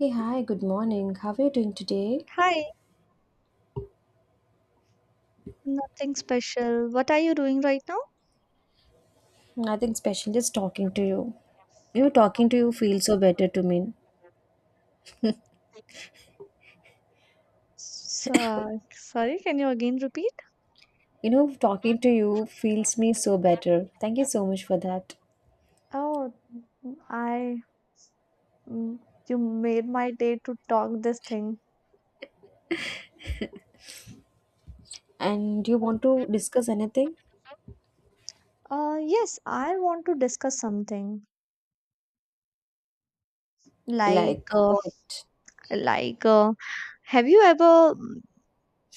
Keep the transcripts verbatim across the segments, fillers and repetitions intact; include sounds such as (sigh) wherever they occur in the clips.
Hey, hi, good morning. How are you doing today? Hi, nothing special. What are you doing right now? Nothing special, just talking to you. You know, talking to you feels so better to me. So, sorry, can you again repeat? You know, talking to you feels me so better. Thank you so much for that. Oh, mm, I mm, you made my day to talk this thing. And you want to discuss anything? Uh, yes, I want to discuss something. Like, Like Uh, what? like, uh, have you ever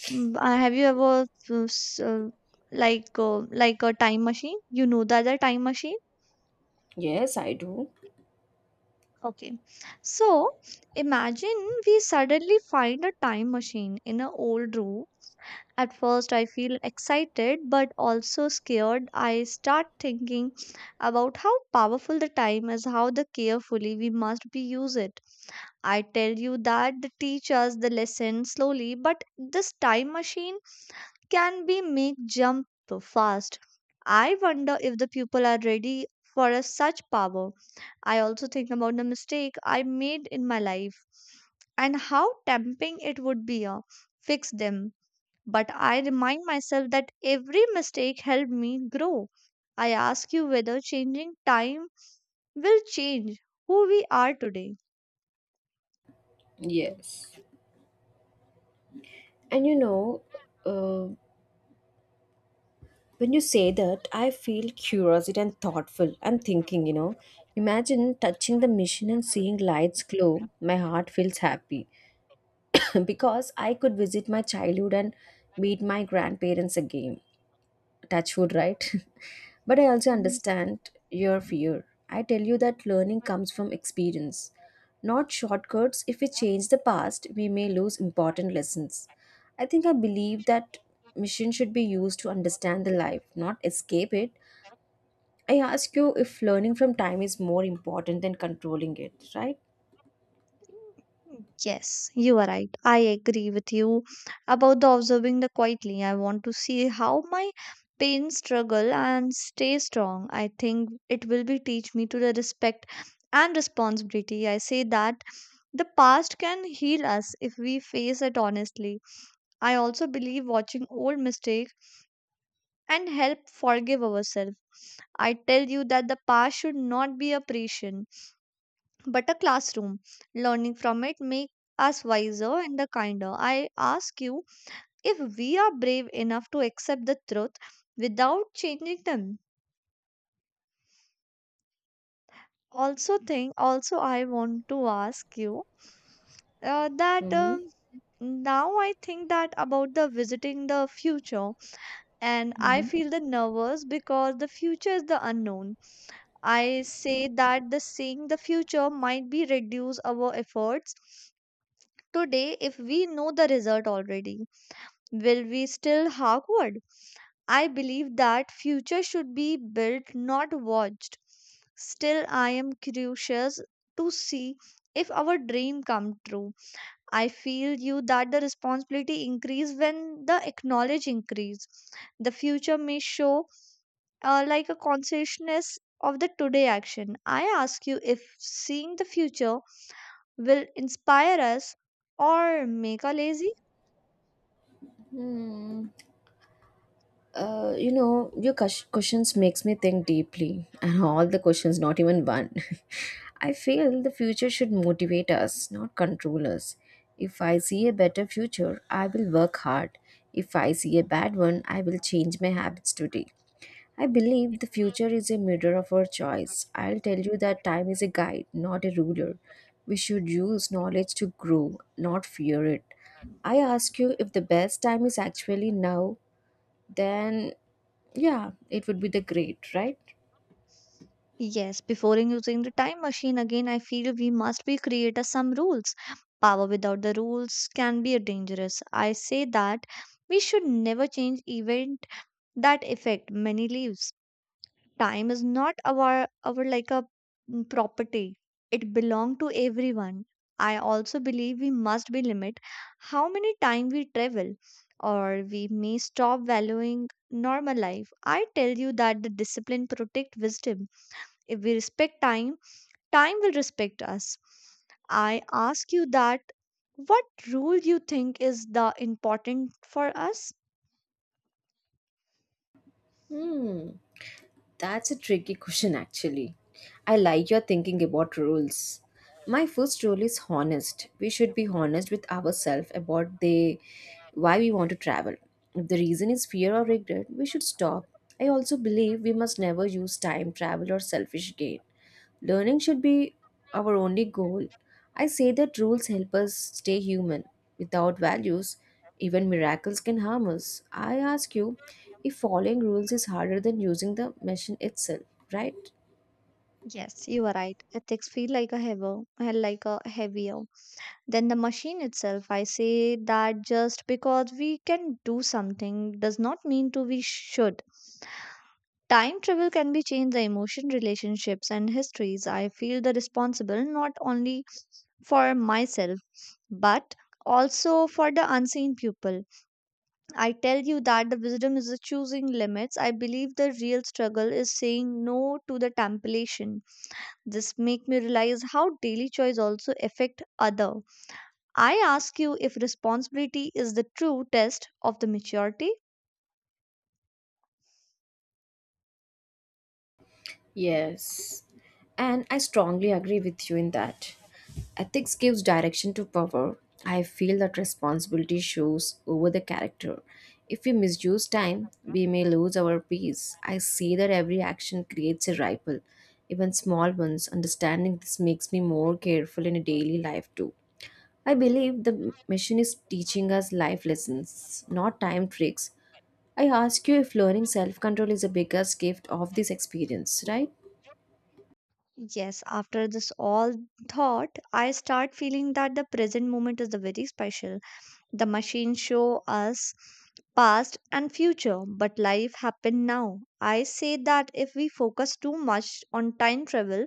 mm, uh, have you ever, uh, s- uh, like, uh, like a time machine? You know that the time machine? Yes, I do. Okay. So, imagine we suddenly find a time machine in an old room. At first, I feel excited but also scared. I start thinking about how powerful the time is, how the carefully we must be use it. I tell you that the teach us the lesson slowly, but this time machine can be make jump fast. I wonder if the people are ready for a such power. I also think about the mistake I made in my life and how tempting it would be to fix them, but I remind myself that every mistake helped me grow. I ask you whether changing time will change who we are today. Yes. And you know, uh, when you say that, I feel curiosity and thoughtful. I'm thinking, you know, imagine touching the machine and seeing lights glow. My heart feels happy. (laughs) because I could visit my childhood and meet my grandparents again. Touch wood, right? (laughs) but I also Yes. understand your fear. I tell you that learning comes from experience, not shortcuts. If we change the past, we may lose important lessons. I think I believe that mission should be used to understand the life, not escape it. I ask you if learning from time is more important than controlling it, right? Yes, you are right. I agree with you about the observing the quietly. I want to see how my pain struggle and stay strong. I think it will be teach me to the respect and responsibility. I say that the past can heal us if we face it honestly. I also believe watching old mistakes and help forgive ourselves. I tell you that the past should not be a prison, but a classroom. Learning from it make us wiser and the kinder. I ask you if we are brave enough to accept the truth without changing them. Also, think. Also, I want to ask you uh, that Mm-hmm. um now I think that about the visiting the future, and I feel the nervous because the future is the unknown. I say that the seeing the future might be reduce our efforts today if we know the result already. Will we still hawkward? I believe that future should be built, not watched. Still, I am curious to see if our dream come true. I feel you that the responsibility increase when the acknowledge increase. The future may show uh, like a consciousness of the today action. I ask you if seeing the future will inspire us or make us lazy. Mhm. Uh, you know, your ques- questions makes me think deeply, and all the questions, not even one. (laughs) I feel the future should motivate us, not control us. If I see a better future, I will work hard. If I see a bad one, I will change my habits today. I believe the future is a mirror of our choice. I'll tell you that time is a guide, not a ruler. We should use knowledge to grow, not fear it. I ask you if the best time is actually now, then yeah, it would be the great, right? Yes, before using the time machine again, I feel we must be creator some rules. Power without the rules can be dangerous. I say that we should never change event that affect many lives. Time is not our our like a mm, property. It belong to everyone. I also believe we must be limit how many time we travel, or we may stop valuing normal life. I tell you that the discipline protect wisdom. If we respect time, time will respect us. I ask you that what rule you think is the important for us. Hmm, that's a tricky question actually. I like your thinking about rules. My first rule is honest. We should be honest with ourselves about the why we want to travel. If the reason is fear or regret, we should stop. I also believe we must never use time travel or selfish gain. Learning should be our only goal. I say that rules help us stay human. Without values, even miracles can harm us. I ask you if following rules is harder than using the machine itself, right? Yes, you are right. Ethics feel like a heavier like a heavier than the machine itself. I say that just because we can do something does not mean to we should. Time travel can be changed the emotion, relationships, and histories. I feel the responsible not only for myself, but also for the unseen people. I tell you that the wisdom is the choosing limits. I believe the real struggle is saying no to the temptation. This make me realize how daily choice also affect other. I ask you if responsibility is the true test of the maturity. Yes, and I strongly agree with you in that. Ethics gives direction to power. I feel that responsibility shows over the character. If we misuse time, we may lose our peace. I see that every action creates a ripple, even small ones. Understanding this makes me more careful in a daily life too. I believe the mission is teaching us life lessons, not time tricks. I ask you if learning self control is the biggest gift of this experience, right? Yes, after this all thought, I start feeling that the present moment is the very special. The machines show us past and future, but life happen now. I say that if we focus too much on time travel,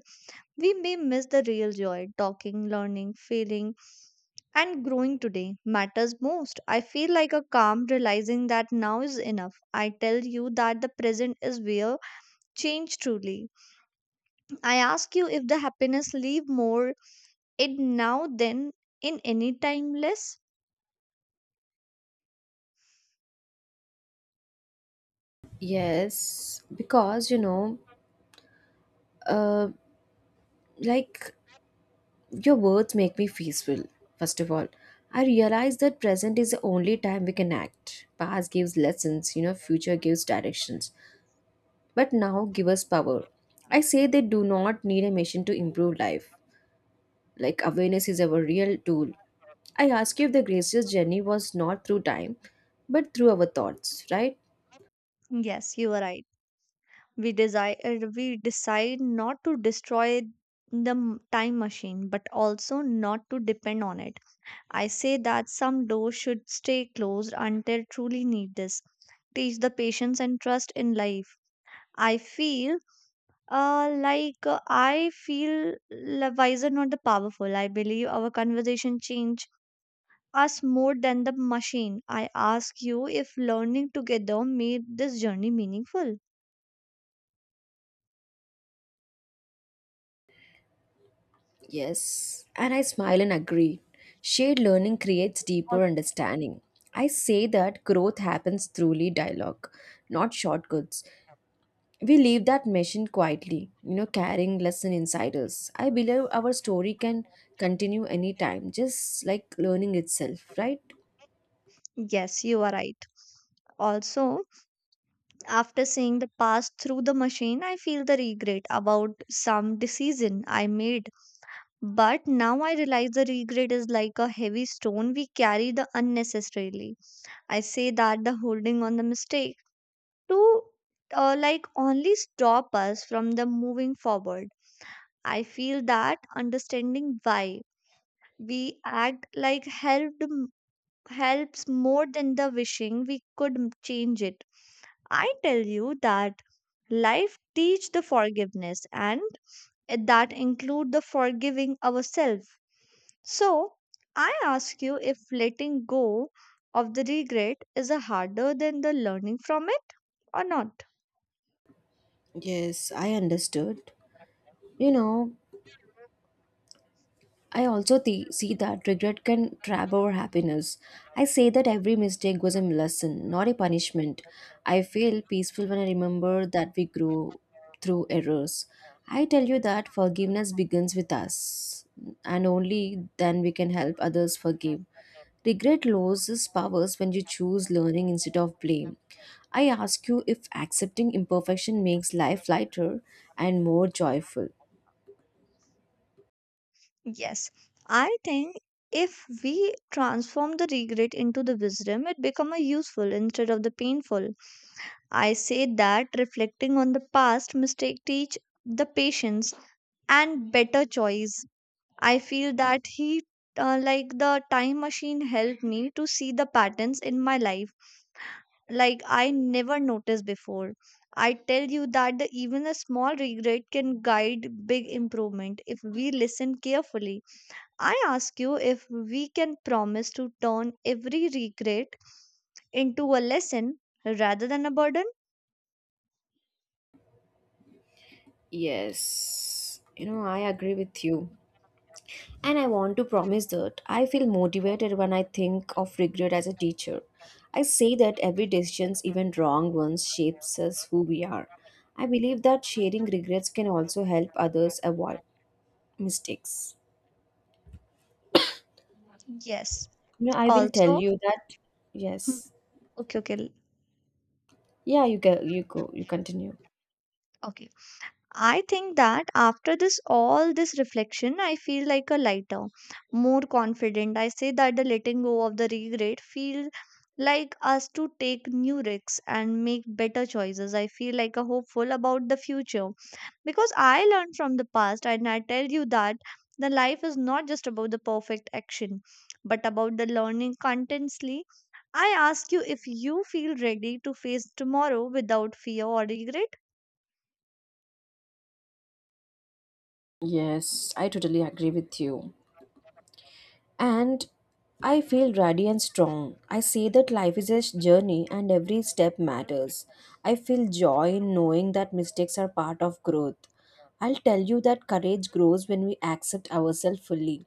we may miss the real joy, talking, learning, feeling, and growing today matters most. I feel like a calm realizing that now is enough. I tell you that the present is where change truly. I ask you if the happiness leave more it now than in any timeless. Yes, because you know, uh, like your words make me peaceful. First of all, I realize that present is the only time we can act. Past gives lessons, you know, future gives directions, but now give us power. I say they do not need a machine to improve life. Like awareness is our real tool. I ask you if the gracious journey was not through time, but through our thoughts, right? Yes, you are right. We desire we decide not to destroy the m- time machine, but also not to depend on it. I say that some doors should stay closed until truly need this. Teach the patience and trust in life. I feel uh, like uh, I feel l- wiser, not the powerful. I believe our conversation change us more than the machine. I ask you if learning together made this journey meaningful. Yes, and I smile and agree. Shared learning creates deeper understanding. I say that growth happens throughly dialogue, not shortcuts. We leave that machine quietly, you know, carrying lesson inside us. I believe our story can continue anytime, just like learning itself, right? Yes, you are right. Also, after seeing the past through the machine, I feel the regret about some decision I made. But now I realize the regret is like a heavy stone we carry the unnecessarily. I say that the holding on the mistake to uh, like only stop us from the moving forward. I feel that understanding why we act like helped m- helps more than the wishing we could m- change it. I tell you that life teach the forgiveness and that include the forgiving ourselves. So, I ask you if letting go of the regret is a harder than the learning from it or not. Yes, I understood. You know, I also th- see that regret can trap our happiness. I say that every mistake was a lesson, not a punishment. I feel peaceful when I remember that we grew through errors. I tell you that forgiveness begins with us, and only then we can help others forgive. Regret loses powers when you choose learning instead of blame. I ask you if accepting imperfection makes life lighter and more joyful. Yes, I think if we transform the regret into the wisdom, it become a useful instead of the painful. I say that reflecting on the past mistake teach the patience and better choice. I feel that he uh, like the time machine helped me to see the patterns in my life like I never noticed before. I tell you that the, even a small regret can guide big improvement if we listen carefully. I ask you if we can promise to turn every regret into a lesson rather than a burden? Yes, you know, I agree with you. And I want to promise that I feel motivated when I think of regret as a teacher. I say that every decision, even wrong ones, shapes us who we are. I believe that sharing regrets can also help others avoid mistakes. Yes. You know, I will tell Also, you that. Yes. okay, okay, l- Yeah, you go you go you continue. okay. I think that after this, all this reflection, I feel like a lighter, more confident. I say that the letting go of the regret feels like us to take new risks and make better choices. I feel like a hopeful about the future because I learned from the past, and I tell you that the life is not just about the perfect action but about the learning continuously. I ask you if you feel ready to face tomorrow without fear or regret. Yes, I totally agree with you. And I feel ready and strong. I see that life is a journey and every step matters. I feel joy in knowing that mistakes are part of growth. I'll tell you that courage grows when we accept ourselves fully.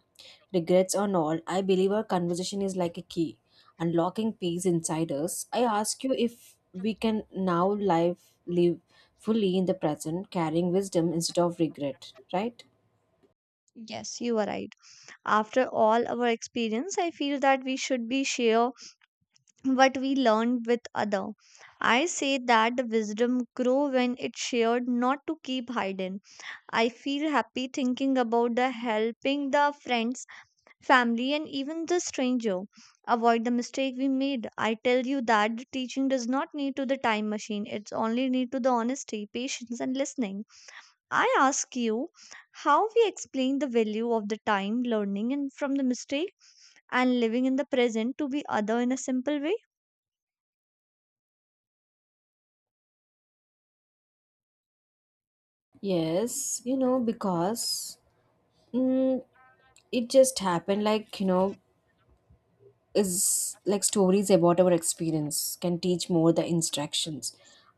Regrets or not, I believe our conversation is like a key, unlocking peace inside us. I ask you if we can now life live fully in the present, carrying wisdom instead of regret, right? Yes, you are right. After all our experience, I feel that we should be share what we learned with other. I say that the wisdom grow when it's shared, not to keep hidden. I feel happy thinking about the helping the friends, family, and even the stranger. Avoid the mistake we made. I tell you that the teaching does not need to the time machine. It's only need to the honesty, patience, and listening. I ask you how we explain the value of the time, learning, and from the mistake and living in the present to be other in a simple way. Yes, you know, because mm, it just happened. Like, you know is like stories about our experience can teach more than instructions.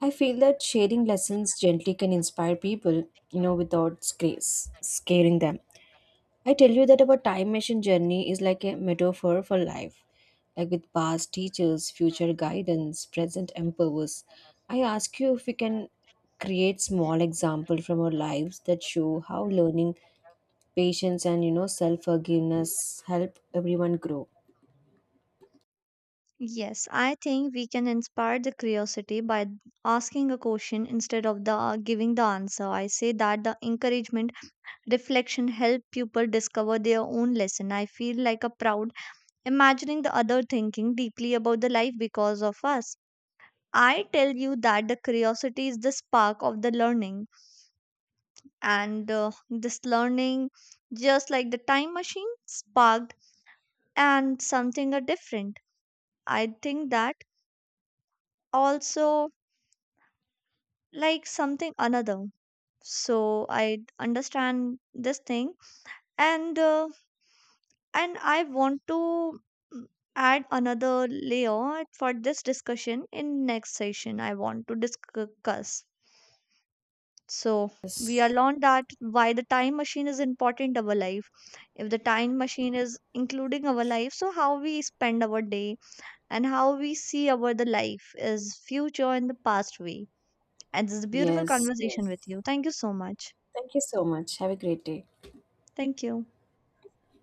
I feel that sharing lessons gently can inspire people, you know without scares, scaring them. I tell you that our time machine journey is like a metaphor for life, like with past teachers, future guidance, present empowers. I ask you if we can create small example from our lives that show how learning, patience, and you know self forgiveness help everyone grow. Yes, I think we can inspire the curiosity by asking a question instead of the giving the answer. I say that the encouragement reflection help people discover their own lesson. I feel like a proud imagining the other thinking deeply about the life because of us. I tell you that the curiosity is the spark of the learning. And uh, this learning just like the time machine sparked, and something are different. I think that also like something another. So, I understand this thing and uh, And I want to mm, add another layer for this discussion in next session. I want to discuss. So, we are Yes, learned that why the time machine is important our life. If the time machine is including our life, so how we spend our day and how we see our the life is future in the past way. And this is a beautiful yes, conversation with yes, you. Thank you so much. thank you so much. Have a great day. Thank you.